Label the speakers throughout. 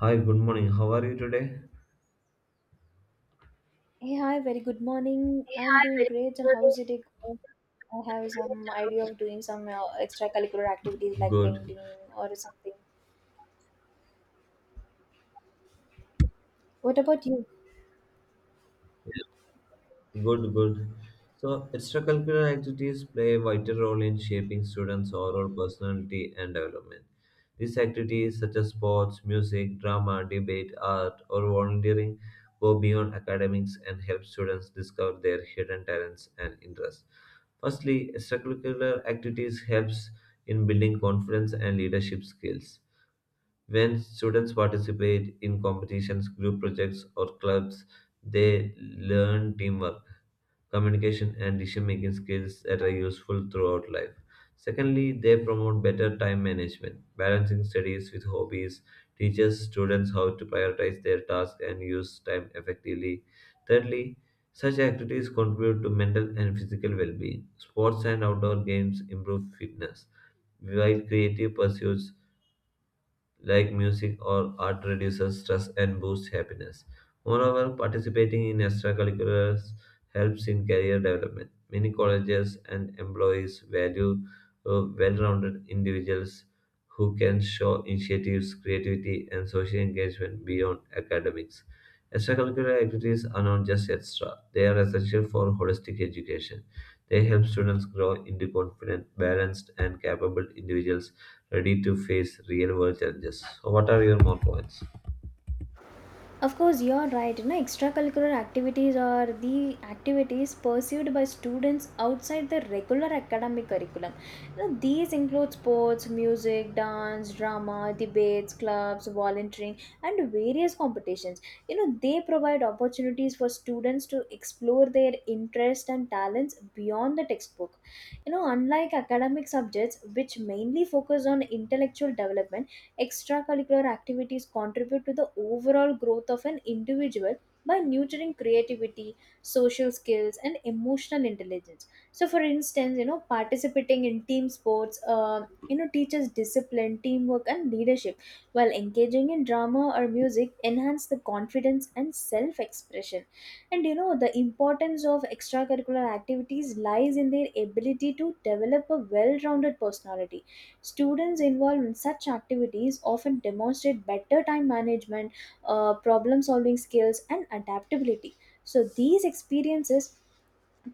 Speaker 1: Hi, good morning. How are you today?
Speaker 2: Hey, hi, very good morning. I'm doing great, and how's it going? I have some idea of doing some extracurricular activities like
Speaker 1: Good,
Speaker 2: painting or something. What about you?
Speaker 1: good. So, extracurricular activities play a vital role in shaping students' overall personality and development. These activities, such as sports, music, drama, debate, art, or volunteering, go beyond academics and help students discover their hidden talents and interests. Firstly, extracurricular activities helps in building confidence and leadership skills. When students participate in competitions, group projects, or clubs, they learn teamwork, communication, and decision making skills that are useful throughout life. Secondly, they promote better time management, balancing studies with hobbies, teaches students how to prioritize their tasks and use time effectively. Thirdly, such activities contribute to mental and physical well being. Sports and outdoor games improve fitness, while creative pursuits like music or art reduces stress and boosts happiness. Moreover, participating in extracurriculars helps in career development. Many colleges and employees value well-rounded individuals who can show initiatives, creativity, and social engagement beyond academics. Extracurricular activities are not just extra, they are essential for holistic education. They help students grow into confident, balanced, and capable individuals ready to face real world challenges. So, what are your more points?
Speaker 2: Of course, you're right. You know, extracurricular activities are the activities pursued by students outside the regular academic curriculum. You know, these include sports, music, dance, drama, debates, clubs, volunteering, and various competitions. You know, they provide opportunities for students to explore their interests and talents beyond the textbook. You know, unlike academic subjects, which mainly focus on intellectual development, extracurricular activities contribute to the overall growth of an individual by nurturing creativity, social skills, and emotional intelligence. So, for instance, you know, participating in team sports, teaches discipline, teamwork, and leadership, while engaging in drama or music enhance the confidence and self-expression. And you know, the importance of extracurricular activities lies in their ability to develop a well-rounded personality. Students involved in such activities often demonstrate better time management, problem solving skills, and adaptability. So, these experiences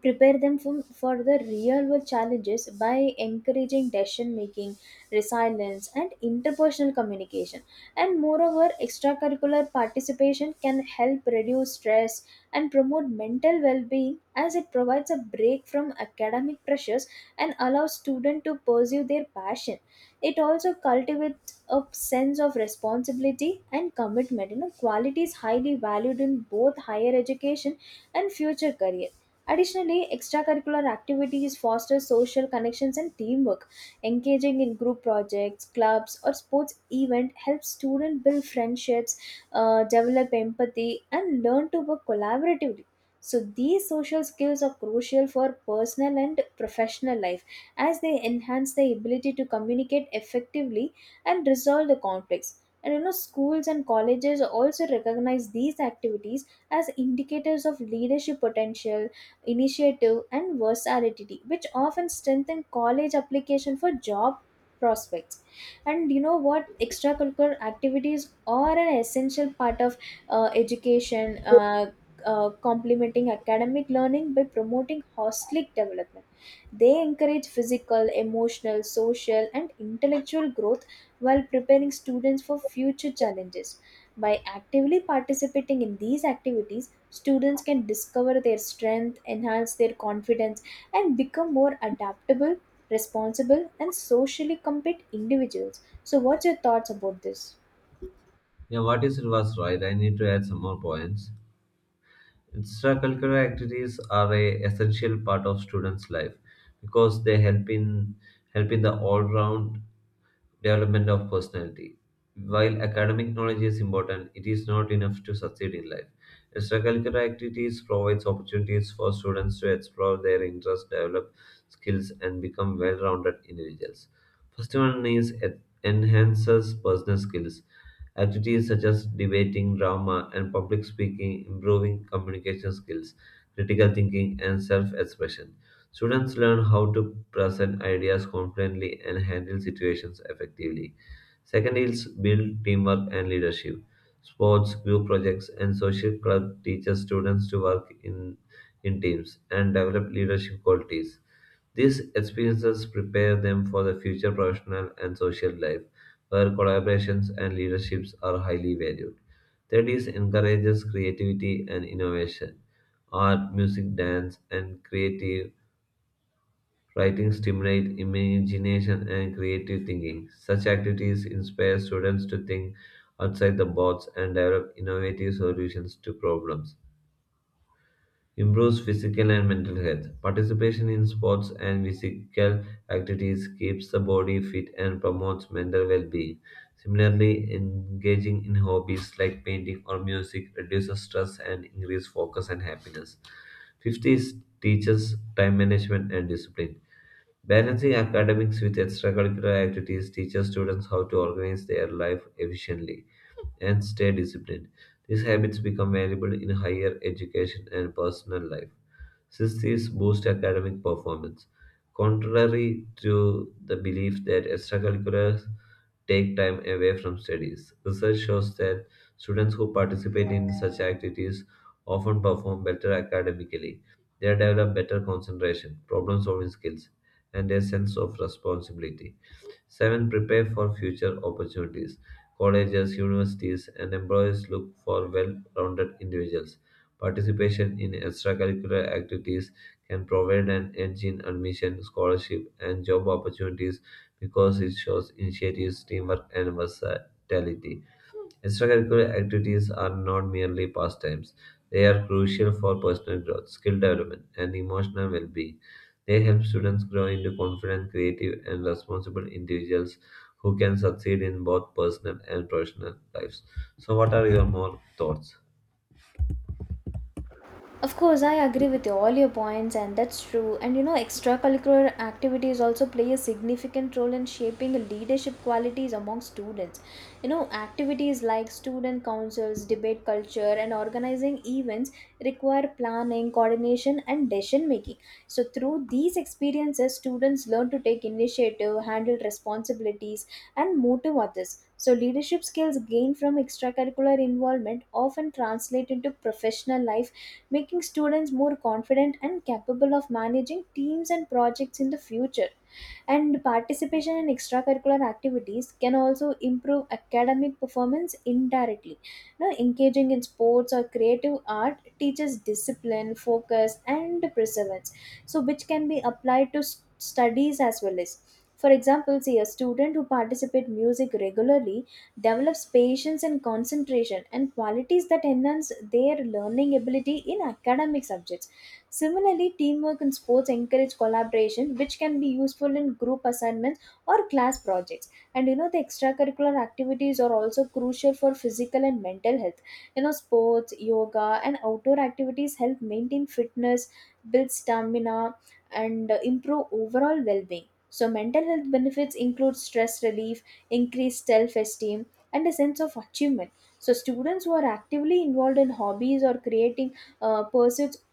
Speaker 2: prepare them from, for the real world challenges by encouraging decision making, resilience, and interpersonal communication. And moreover, extracurricular participation can help reduce stress and promote mental well-being, as it provides a break from academic pressures and allows students to pursue their passion. It also cultivates a sense of responsibility and commitment, you know, qualities highly valued in both higher education and future careers. Additionally, extracurricular activities foster social connections and teamwork. Engaging in group projects, clubs, or sports event helps students build friendships, develop empathy, and learn to work collaboratively. So these social skills are crucial for personal and professional life, as they enhance the ability to communicate effectively and resolve the conflicts. And you know, schools and colleges also recognize these activities as indicators of leadership potential, initiative, and versatility, which often strengthen college application for job prospects. And you know what? Extracurricular activities are an essential part of education. Complementing academic learning by promoting holistic development. They encourage physical, emotional, social, and intellectual growth while preparing students for future challenges. By actively participating in these activities, students can discover their strength, enhance their confidence, and become more adaptable, responsible, and socially competent individuals. So, what's your thoughts about this?
Speaker 1: Yeah, what is it was right? I need to add some more points. Extracurricular activities are a essential part of students' life because they help in the all-round development of personality. While academic knowledge is important, it is not enough to succeed in life. Extracurricular activities provides opportunities for students to explore their interests, develop skills, and become well-rounded individuals. First one is enhances personal skills. Activities such as debating, drama, and public speaking, improving communication skills, critical thinking, and self expression. Students learn how to present ideas confidently and handle situations effectively. Second is build teamwork and leadership. Sports, group projects, and social club teaches students to work in teams and develop leadership qualities. These experiences prepare them for the future professional and social life, where collaborations and leaderships are highly valued. Studies encourages creativity and innovation. Art, music, dance, and creative writing stimulate imagination and creative thinking. Such activities inspire students to think outside the box and develop innovative solutions to problems. Improves physical and mental health. Participation in sports and physical activities keeps the body fit and promotes mental well being. Similarly, engaging in hobbies like painting or music reduces stress and increases focus and happiness. 50 is teaches time management and discipline. Balancing academics with extracurricular activities teaches students how to organize their life efficiently and stay disciplined. These habits become valuable in higher education and personal life. Since these boost academic performance, contrary to the belief that extracurriculars take time away from studies, research shows that students who participate in such activities often perform better academically. They develop better concentration, problem solving skills, and a sense of responsibility. Seven, prepare for future opportunities. Colleges, universities, and employers look for well rounded individuals. Participation in extracurricular activities can provide an edge in admission, scholarship, and job opportunities because it shows initiatives, teamwork, and versatility. Extracurricular activities are not merely pastimes, they are crucial for personal growth, skill development, and emotional well being. They help students grow into confident, creative, and responsible individuals who can succeed in both personal and professional lives. So, what are your more thoughts?
Speaker 2: Of course, I agree with you, all your points, and that's true. And you know, extracurricular activities also play a significant role in shaping leadership qualities among students. You know, activities like student councils, debate culture, and organizing events require planning, coordination, and decision making. So, through these experiences, students learn to take initiative, handle responsibilities, and motivate others. So, leadership skills gained from extracurricular involvement often translate into professional life, making students more confident and capable of managing teams and projects in the future. And participation in extracurricular activities can also improve academic performance indirectly. Now, engaging in sports or creative art teaches discipline, focus, and perseverance, so which can be applied to studies as well as. For example, see a student who participate music regularly develops patience and concentration, and qualities that enhance their learning ability in academic subjects. Similarly, teamwork in sports encourage collaboration, which can be useful in group assignments or class projects. And you know, the extracurricular activities are also crucial for physical and mental health. You know, sports, yoga, and outdoor activities help maintain fitness, build stamina, and improve overall well being. So, mental health benefits include stress relief, increased self esteem, and a sense of achievement. So students who are actively involved in hobbies or creating pursuits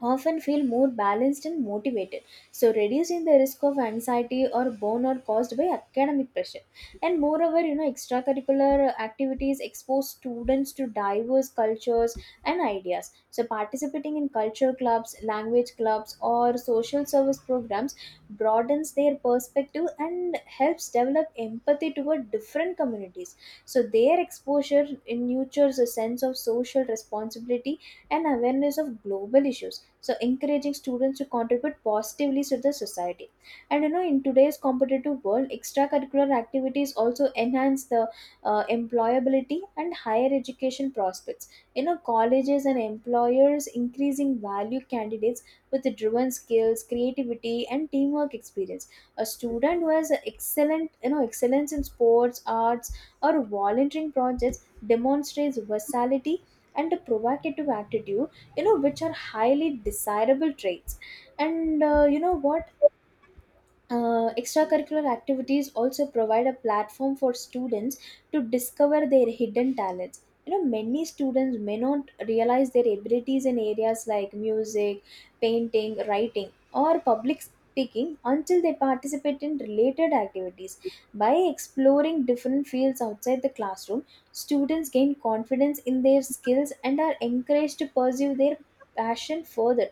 Speaker 2: often feel more balanced and motivated, so reducing the risk of anxiety or burnout caused by academic pressure. And moreover, you know, extracurricular activities expose students to diverse cultures and ideas. So, participating in culture clubs, language clubs, or social service programs broadens their perspective and helps develop empathy toward different communities. So, their exposure nurtures a sense of social responsibility and awareness of global issues, so encouraging students to contribute positively to the society. And you know, in today's competitive world, extracurricular activities also enhance the employability and higher education prospects. You know, colleges and employers increasing value candidates with the driven skills, creativity, and teamwork experience. A student who has excellent, you know, excellence in sports, arts, or volunteering projects demonstrates versatility and a provocative attitude, you know, which are highly desirable traits. And you know what, extracurricular activities also provide a platform for students to discover their hidden talents. You know, many students may not realize their abilities in areas like music, painting, writing, or public speaking until they participate in related activities. By exploring different fields outside the classroom, students gain confidence in their skills and are encouraged to pursue their passion further.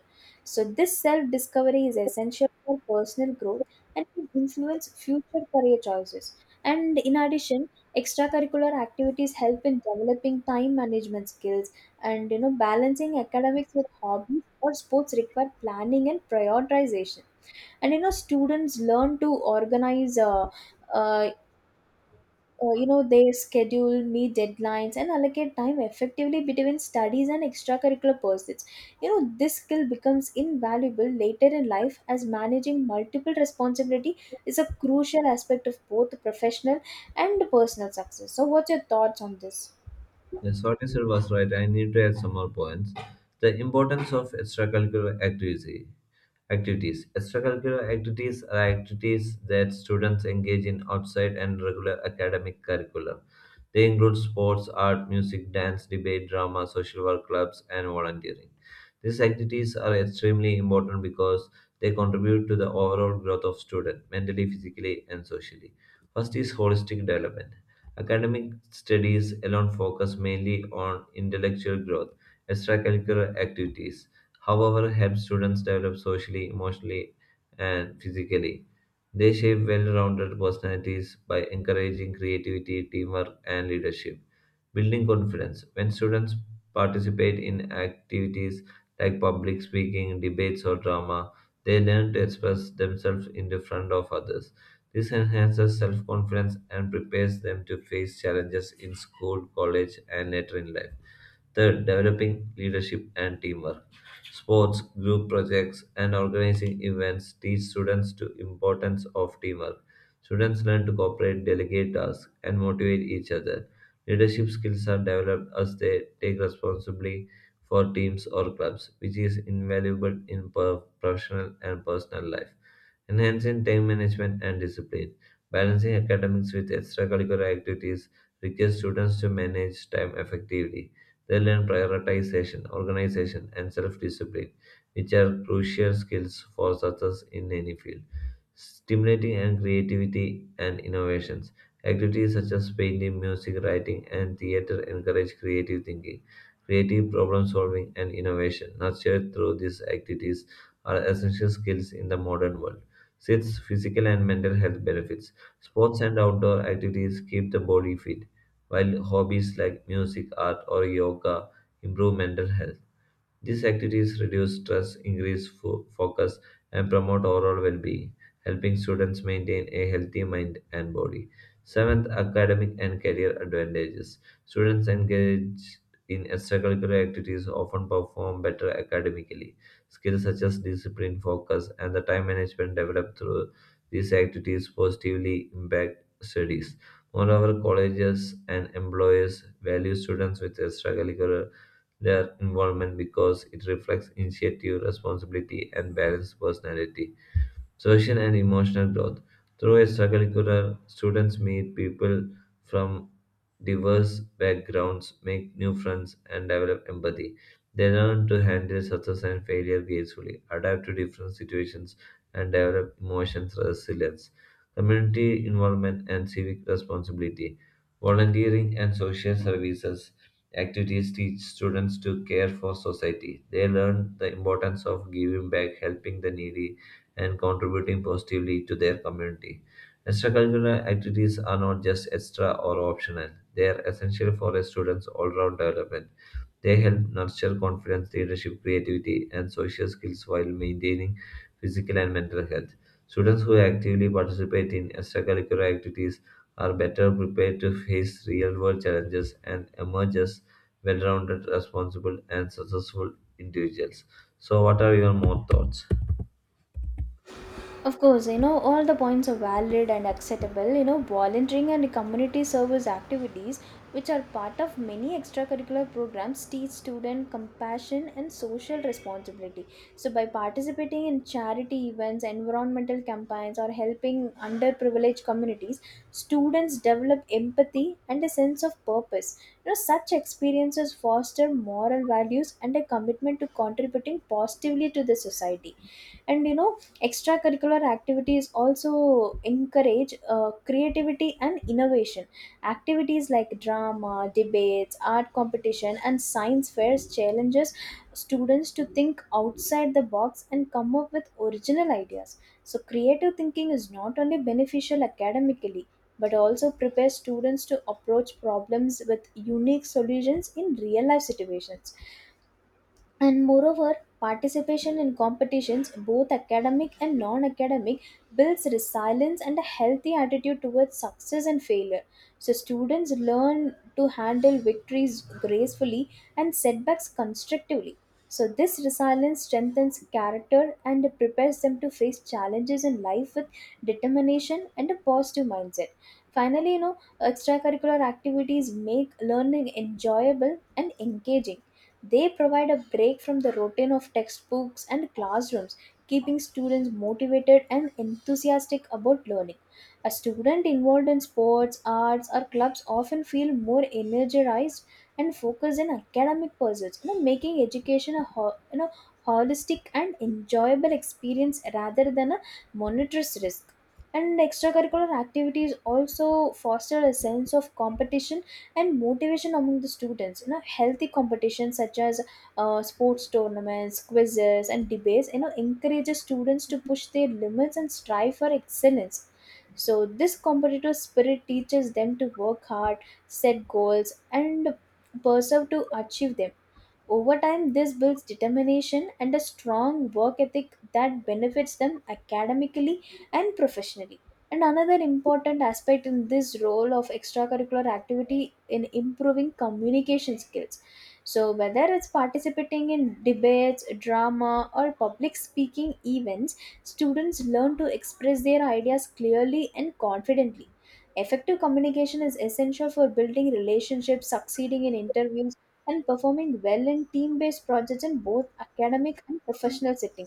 Speaker 2: So this self discovery is essential for personal growth and can influence future career choices. And in addition, extracurricular activities help in developing time management skills. And you know, balancing academics with hobbies or sports require planning and prioritization. And you know, students learn to organize, uh, you know, they schedule, meet deadlines, and allocate time effectively between studies and extracurricular pursuits. You know, this skill becomes invaluable later in life, as managing multiple responsibility is a crucial aspect of both professional and personal success. So what's your thoughts on this?
Speaker 1: Yes, what you said was right. I need to add some more points. The importance of extracurricular activity. Activities. Extracurricular activities are activities that students engage in outside and regular academic curriculum. They include sports, art, music, dance, debate, drama, social work clubs, and volunteering. These activities are extremely important because they contribute to the overall growth of student mentally, physically, and socially. First is holistic development. Academic studies alone focus mainly on intellectual growth. Extracurricular activities, however, help students develop socially, emotionally, and physically. They shape well rounded personalities by encouraging creativity, teamwork, and leadership. Building confidence. When students participate in activities like public speaking, debates, or drama, they learn to express themselves in the front of others. This enhances self confidence and prepares them to face challenges in school, college, and later in life. Third, developing leadership and teamwork. Sports, group projects, and organizing events teach students the importance of teamwork. Students learn to cooperate, delegate tasks, and motivate each other. Leadership skills are developed as they take responsibility for teams or clubs, which is invaluable in professional and personal life. Enhancing time management and discipline. Balancing academics with extracurricular activities requires students to manage time effectively they learn prioritization, organization, and self discipline, which are crucial skills for success in any field. Stimulating and creativity and innovations. Activities such as painting, music, writing, and theater encourage creative thinking, creative problem solving, and innovation. Nurtured through these activities are essential skills in the modern world. Six physical and mental health benefits. Sports and outdoor activities keep the body fit while hobbies like music, art, or yoga improve mental health. These activities reduce stress, increase focus, and promote overall well being, helping students maintain a healthy mind and body. Seventh, academic and career advantages. Students engaged in extracurricular activities often perform better academically. Skills such as discipline, focus, and the time management developed through these activities positively impact studies. Moreover, colleges and employers value students with extracurricular their environment because it reflects initiative, responsibility, and balanced personality. Social and emotional growth. Through extracurricular, students meet people from diverse backgrounds, make new friends, and develop empathy. They learn to handle success and failure gracefully, adapt to different situations, and develop emotional resilience. Community involvement and civic responsibility. Volunteering and social services activities teach students to care for society. They learn the importance of giving back, helping the needy, and contributing positively to their community. Extracurricular activities are not just extra or optional, they are essential for a student's all round development. They help nurture confidence, leadership, creativity, and social skills while maintaining physical and mental health. Students who actively participate in extracurricular activities are better prepared to face real world challenges and emerge as well rounded, responsible, and successful individuals. So, what are your more thoughts?
Speaker 2: Of course, you know, all the points are valid and acceptable. You know, volunteering and community service activities, which are part of many extracurricular programs, teach students compassion and social responsibility. So, by participating in charity events, environmental campaigns, or helping underprivileged communities, students develop empathy and a sense of purpose. You know, such experiences foster moral values and a commitment to contributing positively to the society. And, you know, extracurricular activities also encourage creativity and innovation. Activities like drama, debates, art competition, and science fairs challenges students to think outside the box and come up with original ideas. So creative thinking is not only beneficial academically, but also prepares students to approach problems with unique solutions in real life situations. And moreover, participation in competitions, both academic and non-academic, builds resilience and a healthy attitude towards success and failure. So students learn to handle victories gracefully and setbacks constructively. So this resilience strengthens character and prepares them to face challenges in life with determination and a positive mindset. Finally, you know, extracurricular activities make learning enjoyable and engaging. They provide a break from the routine of textbooks and classrooms, keeping students motivated and enthusiastic about learning. A student involved in sports, arts, or clubs often feel more energized and focused in academic pursuits, you know, making education a you know, holistic and enjoyable experience rather than a monotonous risk. And extracurricular activities also foster a sense of competition and motivation among the students. You know, healthy competitions such as sports tournaments, quizzes, and debates, you know, encourages students to push their limits and strive for excellence. So this competitive spirit teaches them to work hard, set goals, and pursue to achieve them. Over time, this builds determination and a strong work ethic that benefits them academically and professionally. And another important aspect in this role of extracurricular activity in improving communication skills. So, whether it's participating in debates, drama, or public speaking events, students learn to express their ideas clearly and confidently. Effective communication is essential for building relationships, succeeding in interviews, and performing well in team-based projects in both academic and professional setting.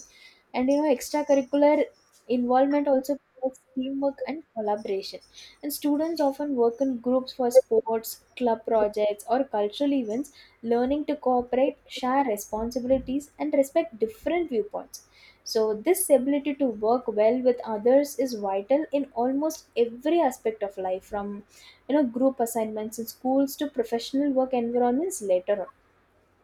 Speaker 2: And you know, extracurricular involvement also promotes teamwork and collaboration. And students often work in groups for sports, club projects, or cultural events, learning to cooperate, share responsibilities, and respect different viewpoints. So, this ability to work well with others is vital in almost every aspect of life, from, you know, group assignments in schools to professional work environments later on.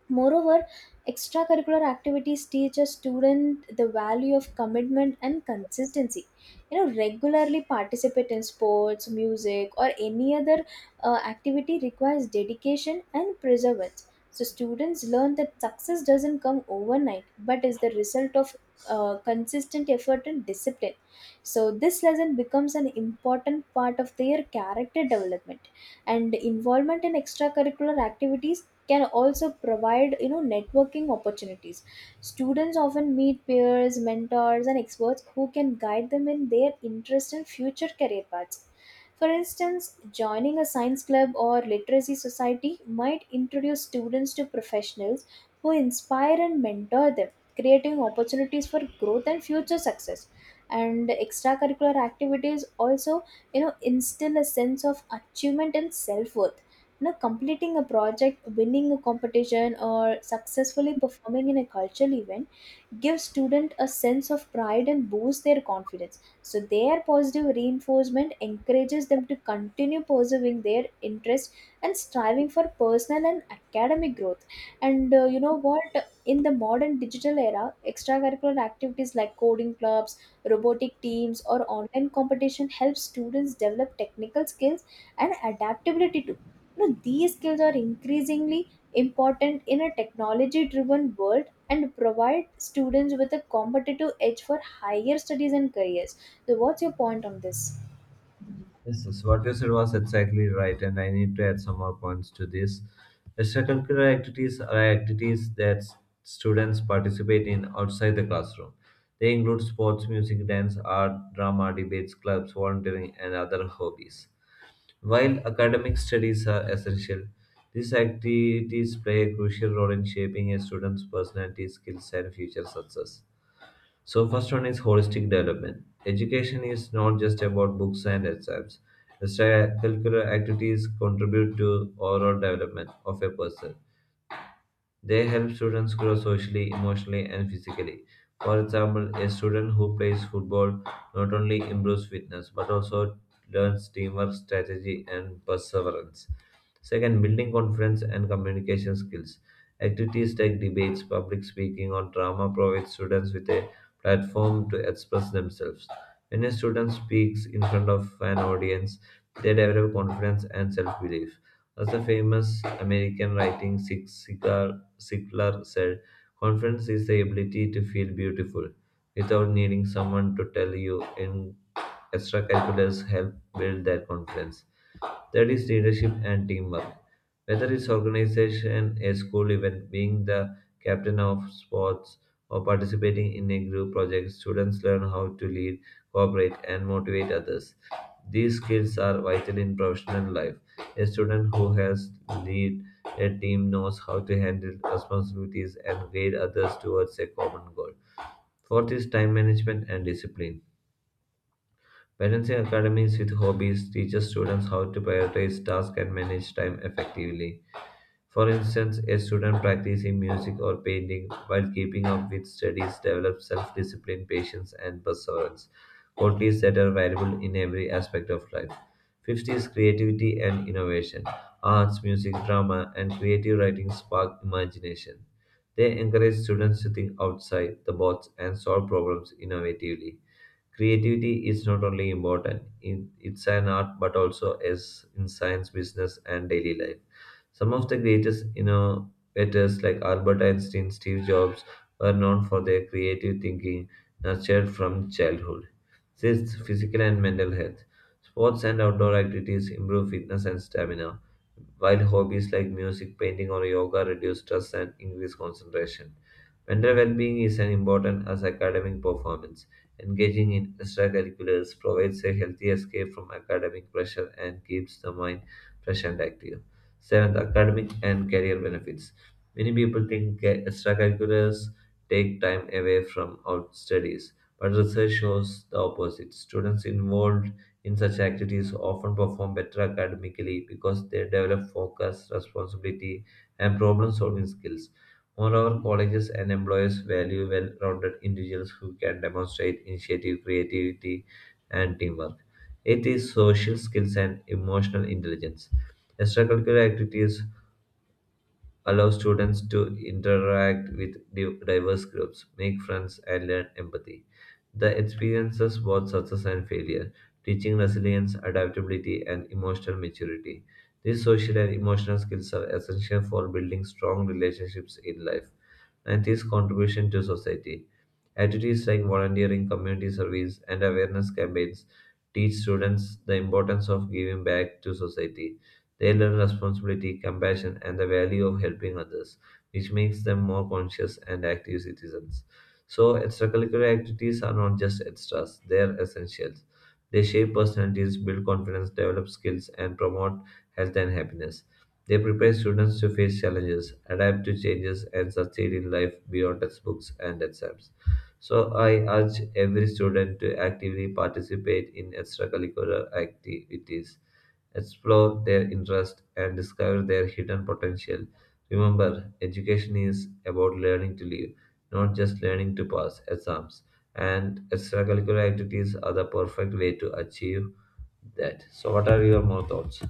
Speaker 2: Moreover, extracurricular activities teach a student the value of commitment and consistency. You know, regularly participate in sports, music, or any other activity requires dedication and perseverance. So, students learn that success doesn't come overnight, but is the result of consistent effort and discipline. So, this lesson becomes an important part of their character development. And involvement in extracurricular activities can also provide, you know, networking opportunities. Students often meet peers, mentors, and experts who can guide them in their interest and future career paths. For instance, joining a science club or literacy society might introduce students to professionals who inspire and mentor them, creating opportunities for growth and future success. And extracurricular activities also, you know, instill a sense of achievement and self-worth. Now, completing a project, winning a competition, or successfully performing in a cultural event gives students a sense of pride and boosts their confidence. So, their positive reinforcement encourages them to continue pursuing their interest and striving for personal and academic growth. And you know what? In the modern digital era, extracurricular activities like coding clubs, robotic teams, or online competition help students develop technical skills and adaptability too. Now, these skills are increasingly important in a technology driven world and provide students with a competitive edge for higher studies and careers. So, what's your point on this?
Speaker 1: Yes, what you said was exactly right, and I need to add some more points to this. Extracurricular activities are activities that students participate in outside the classroom. They include sports, music, dance, art, drama, debates, clubs, volunteering, and other hobbies. While academic studies are essential, these activities play a crucial role in shaping a student's personality, skills, and future success. So, first one is holistic development. Education is not just about books and exams. Extracurricular activities contribute to overall development of a person. They help students grow socially, emotionally, and physically. For example, a student who plays football not only improves fitness but also learns teamwork, strategy, and perseverance. Second, building confidence and communication skills. Activities like debates, public speaking, or drama provide students with a platform to express themselves. When a student speaks in front of an audience, they develop confidence and self belief. As the famous American writing Sigal Siklar said, confidence is the ability to feel beautiful without needing someone to tell you, and extracurriculars help build that confidence. That is leadership and teamwork. Whether it's organization, a school event, being the captain of sports, or participating in a group project, students learn how to lead, cooperate, and motivate others. These skills are vital in professional life. A student who has lead a team knows how to handle responsibilities and guide others towards a common goal. Fourth is time management and discipline. Balancing academics with hobbies teaches students how to prioritize tasks and manage time effectively. For instance, a student practicing music or painting while keeping up with studies develops self discipline, patience, and perseverance, qualities that are valuable in every aspect of life. Fifth is creativity and innovation. Arts, music, drama, and creative writing spark imagination. They encourage students to think outside the box and solve problems innovatively. Creativity is not only important, in, it's an art, but also as in science, business, and daily life. Some of the greatest innovators like Albert Einstein, Steve Jobs were known for their creative thinking nurtured from childhood. Sixth, physical and mental health. Sports and outdoor activities improve fitness and stamina, while hobbies like music, painting, or yoga reduce stress and increase concentration. Mental well being is as important as academic performance. Engaging in extracurriculars provides a healthy escape from academic pressure and keeps the mind fresh and active. Seventh, academic and career benefits. Many people think extracurriculars take time away from out studies, but research shows the opposite. Students involved in such activities often perform better academically because they develop focus, responsibility, and problem solving skills. Moreover, colleges and employers value well rounded individuals who can demonstrate initiative, creativity, and teamwork. It is social skills and emotional intelligence. Extracurricular activities allow students to interact with diverse groups, make friends, and learn empathy. The experiences both success and failure, teaching resilience, adaptability, and emotional maturity. These social and emotional skills are essential for building strong relationships in life. And its contribution to society. Activities like volunteering, community service, and awareness campaigns teach students the importance of giving back to society they learn responsibility, compassion, and the value of helping others, which makes them more conscious and active citizens. So, extracurricular activities are not just extras, they are essentials. They shape personalities, build confidence, develop skills, and promote health and happiness. They prepare students to face challenges, adapt to changes, and succeed in life beyond textbooks and exams. So I urge every student to actively participate in extracurricular activities, explore their interest, and discover their hidden potential. Remember, education is about learning to live, not just learning to pass exams. And extracurricular activities are the perfect way to achieve that. So, what are your more thoughts?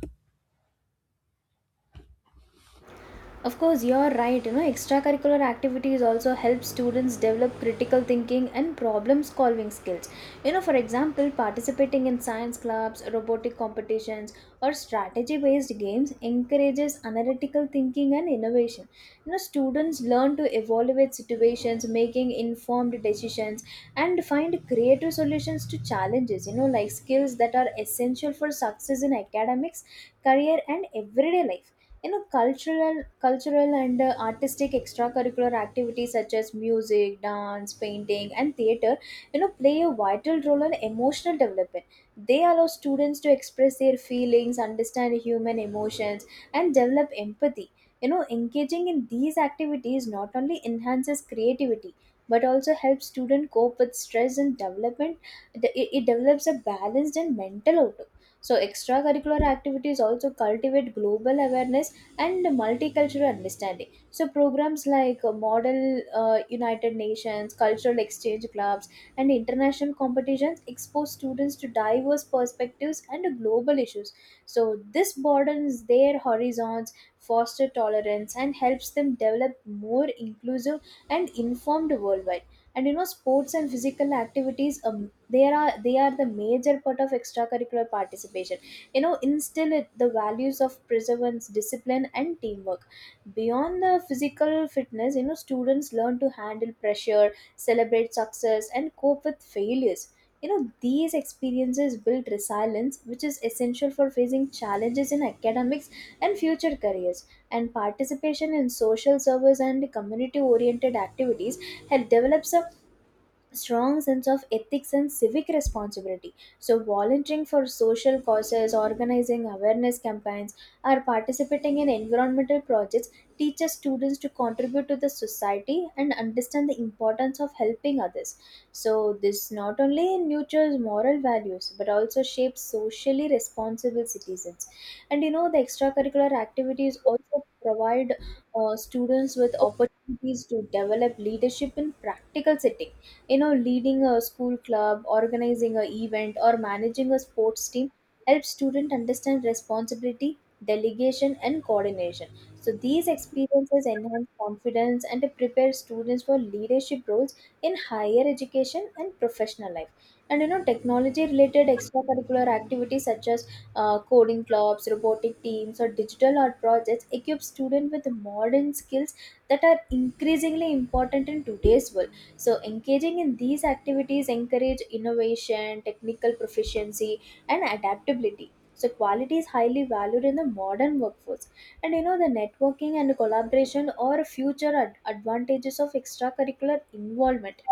Speaker 2: Of course, you're right. You know, extracurricular activities also help students develop critical thinking and problem solving skills. You know, for example, participating in science clubs, robotic competitions, or strategy based games encourages analytical thinking and innovation. You know, students learn to evaluate situations, making informed decisions, and find creative solutions to challenges. You know, like skills that are essential for success in academics, career, and everyday life. You know, cultural and artistic extracurricular activities such as music, dance, painting, and theater, you know, play a vital role in emotional development. They allow students to express their feelings, understand human emotions, and develop empathy. You know, engaging in these activities not only enhances creativity but also helps students cope with stress and development. It develops a balanced and mental outlook. So, extracurricular activities also cultivate global awareness and multicultural understanding. So, programs like Model United Nations, cultural exchange clubs, and international competitions expose students to diverse perspectives and global issues. So, this broadens their horizons, foster tolerance, and helps them develop more inclusive and informed worldwide. And you know, sports and physical activities, they are the major part of extracurricular participation. You know, instill it, the values of perseverance, discipline, and teamwork beyond the physical fitness. You know, students learn to handle pressure, celebrate success, and cope with failures. You know, these experiences build resilience, which is essential for facing challenges in academics and future careers. And participation in social service and community oriented activities help develop some strong sense of ethics and civic responsibility. So, volunteering for social causes, organizing awareness campaigns, or participating in environmental projects teaches students to contribute to the society and understand the importance of helping others. So, this not only nurtures moral values but also shapes socially responsible citizens. And you know, the extracurricular activities also provide students with opportunities to develop leadership in practical settings. You know, leading a school club, organizing a event, or managing a sports team helps student understand responsibility, delegation, and coordination. So, these experiences enhance confidence and prepare students for leadership roles in higher education and professional life. And you know, technology related extracurricular activities such as coding clubs, robotic teams, or digital art projects equip students with modern skills that are increasingly important in today's world. So, engaging in these activities encourage innovation, technical proficiency, and adaptability. So, quality is highly valued in the modern workforce. And you know, the networking and collaboration are future advantages of extracurricular involvement.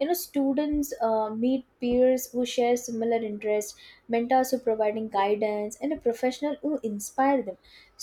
Speaker 2: You know, students meet peers who share similar interests, mentors who providing guidance, and a professional who inspire them.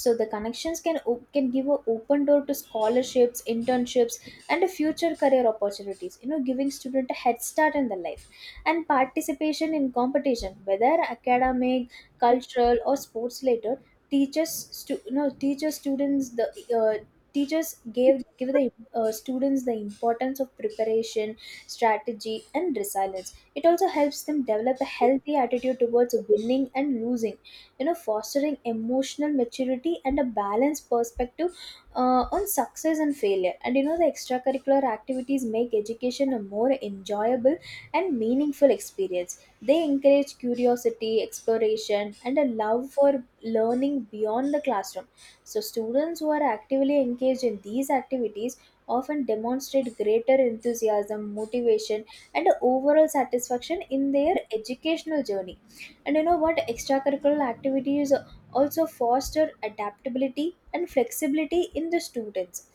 Speaker 2: So, the connections can give an open door to scholarships, internships, and a future career opportunities, you know, giving student a head start in the life. And participation in competition, whether academic, cultural, or sports later, teaches you know, teaches students the uh, teachers gave give the students the importance of preparation, strategy, and resilience. It also helps them develop a healthy attitude towards winning and losing, you know, fostering emotional maturity and a balanced perspective on success and failure. And you know, the extracurricular activities make education a more enjoyable and meaningful experience. They encourage curiosity, exploration, and a love for learning beyond the classroom. So, students who are actively engaged in these activities often demonstrate greater enthusiasm, motivation, and overall satisfaction in their educational journey. And you know what? Extracurricular activities also foster adaptability and flexibility in the students.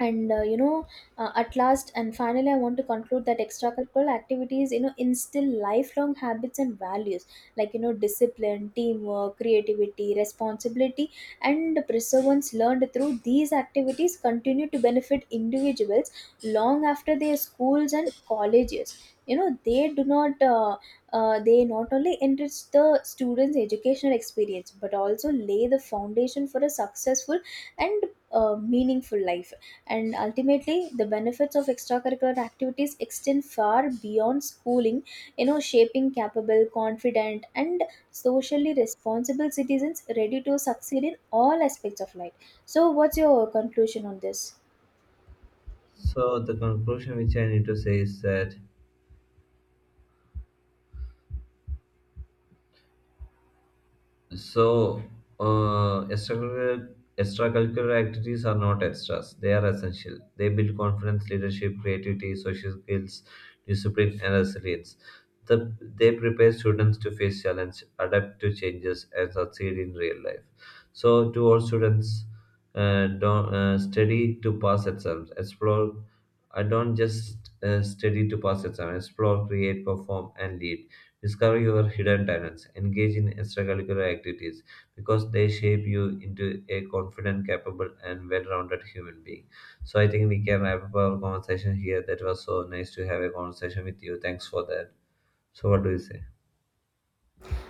Speaker 2: And you know, at last and finally, I want to conclude that extracurricular activities, you know, instill lifelong habits and values like, you know, discipline, teamwork, creativity, responsibility, and the perseverance learned through these activities continue to benefit individuals long after their schools and colleges. You know, they do not they not only enrich the students educational experience but also lay the foundation for a successful and meaningful life. And ultimately, the benefits of extracurricular activities extend far beyond schooling, you know, shaping capable, confident, and socially responsible citizens ready to succeed in all aspects of life. So, what's your conclusion on this?
Speaker 1: So, the conclusion which I need to say is that So, extracurricular activities are not extras, they are essential. They build confidence, leadership, creativity, social skills, discipline, and resilience. They prepare students to face challenge, adapt to changes, and succeed in real life. So, to all students, don't study to pass exams, explore. I don't just study to pass exams, explore, create, perform, and lead. Discover your hidden talents, engage in extracurricular activities because they shape you into a confident, capable, and well rounded human being. So, I think we can wrap up our conversation here. That was so nice to have a conversation with you. Thanks for that. So, what do you say?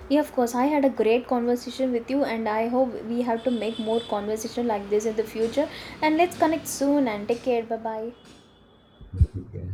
Speaker 2: Yeah, of course. I had a great conversation with you, and I hope we have to make more conversation like this in the future. And let's connect soon. And take care. Bye bye.
Speaker 1: Okay.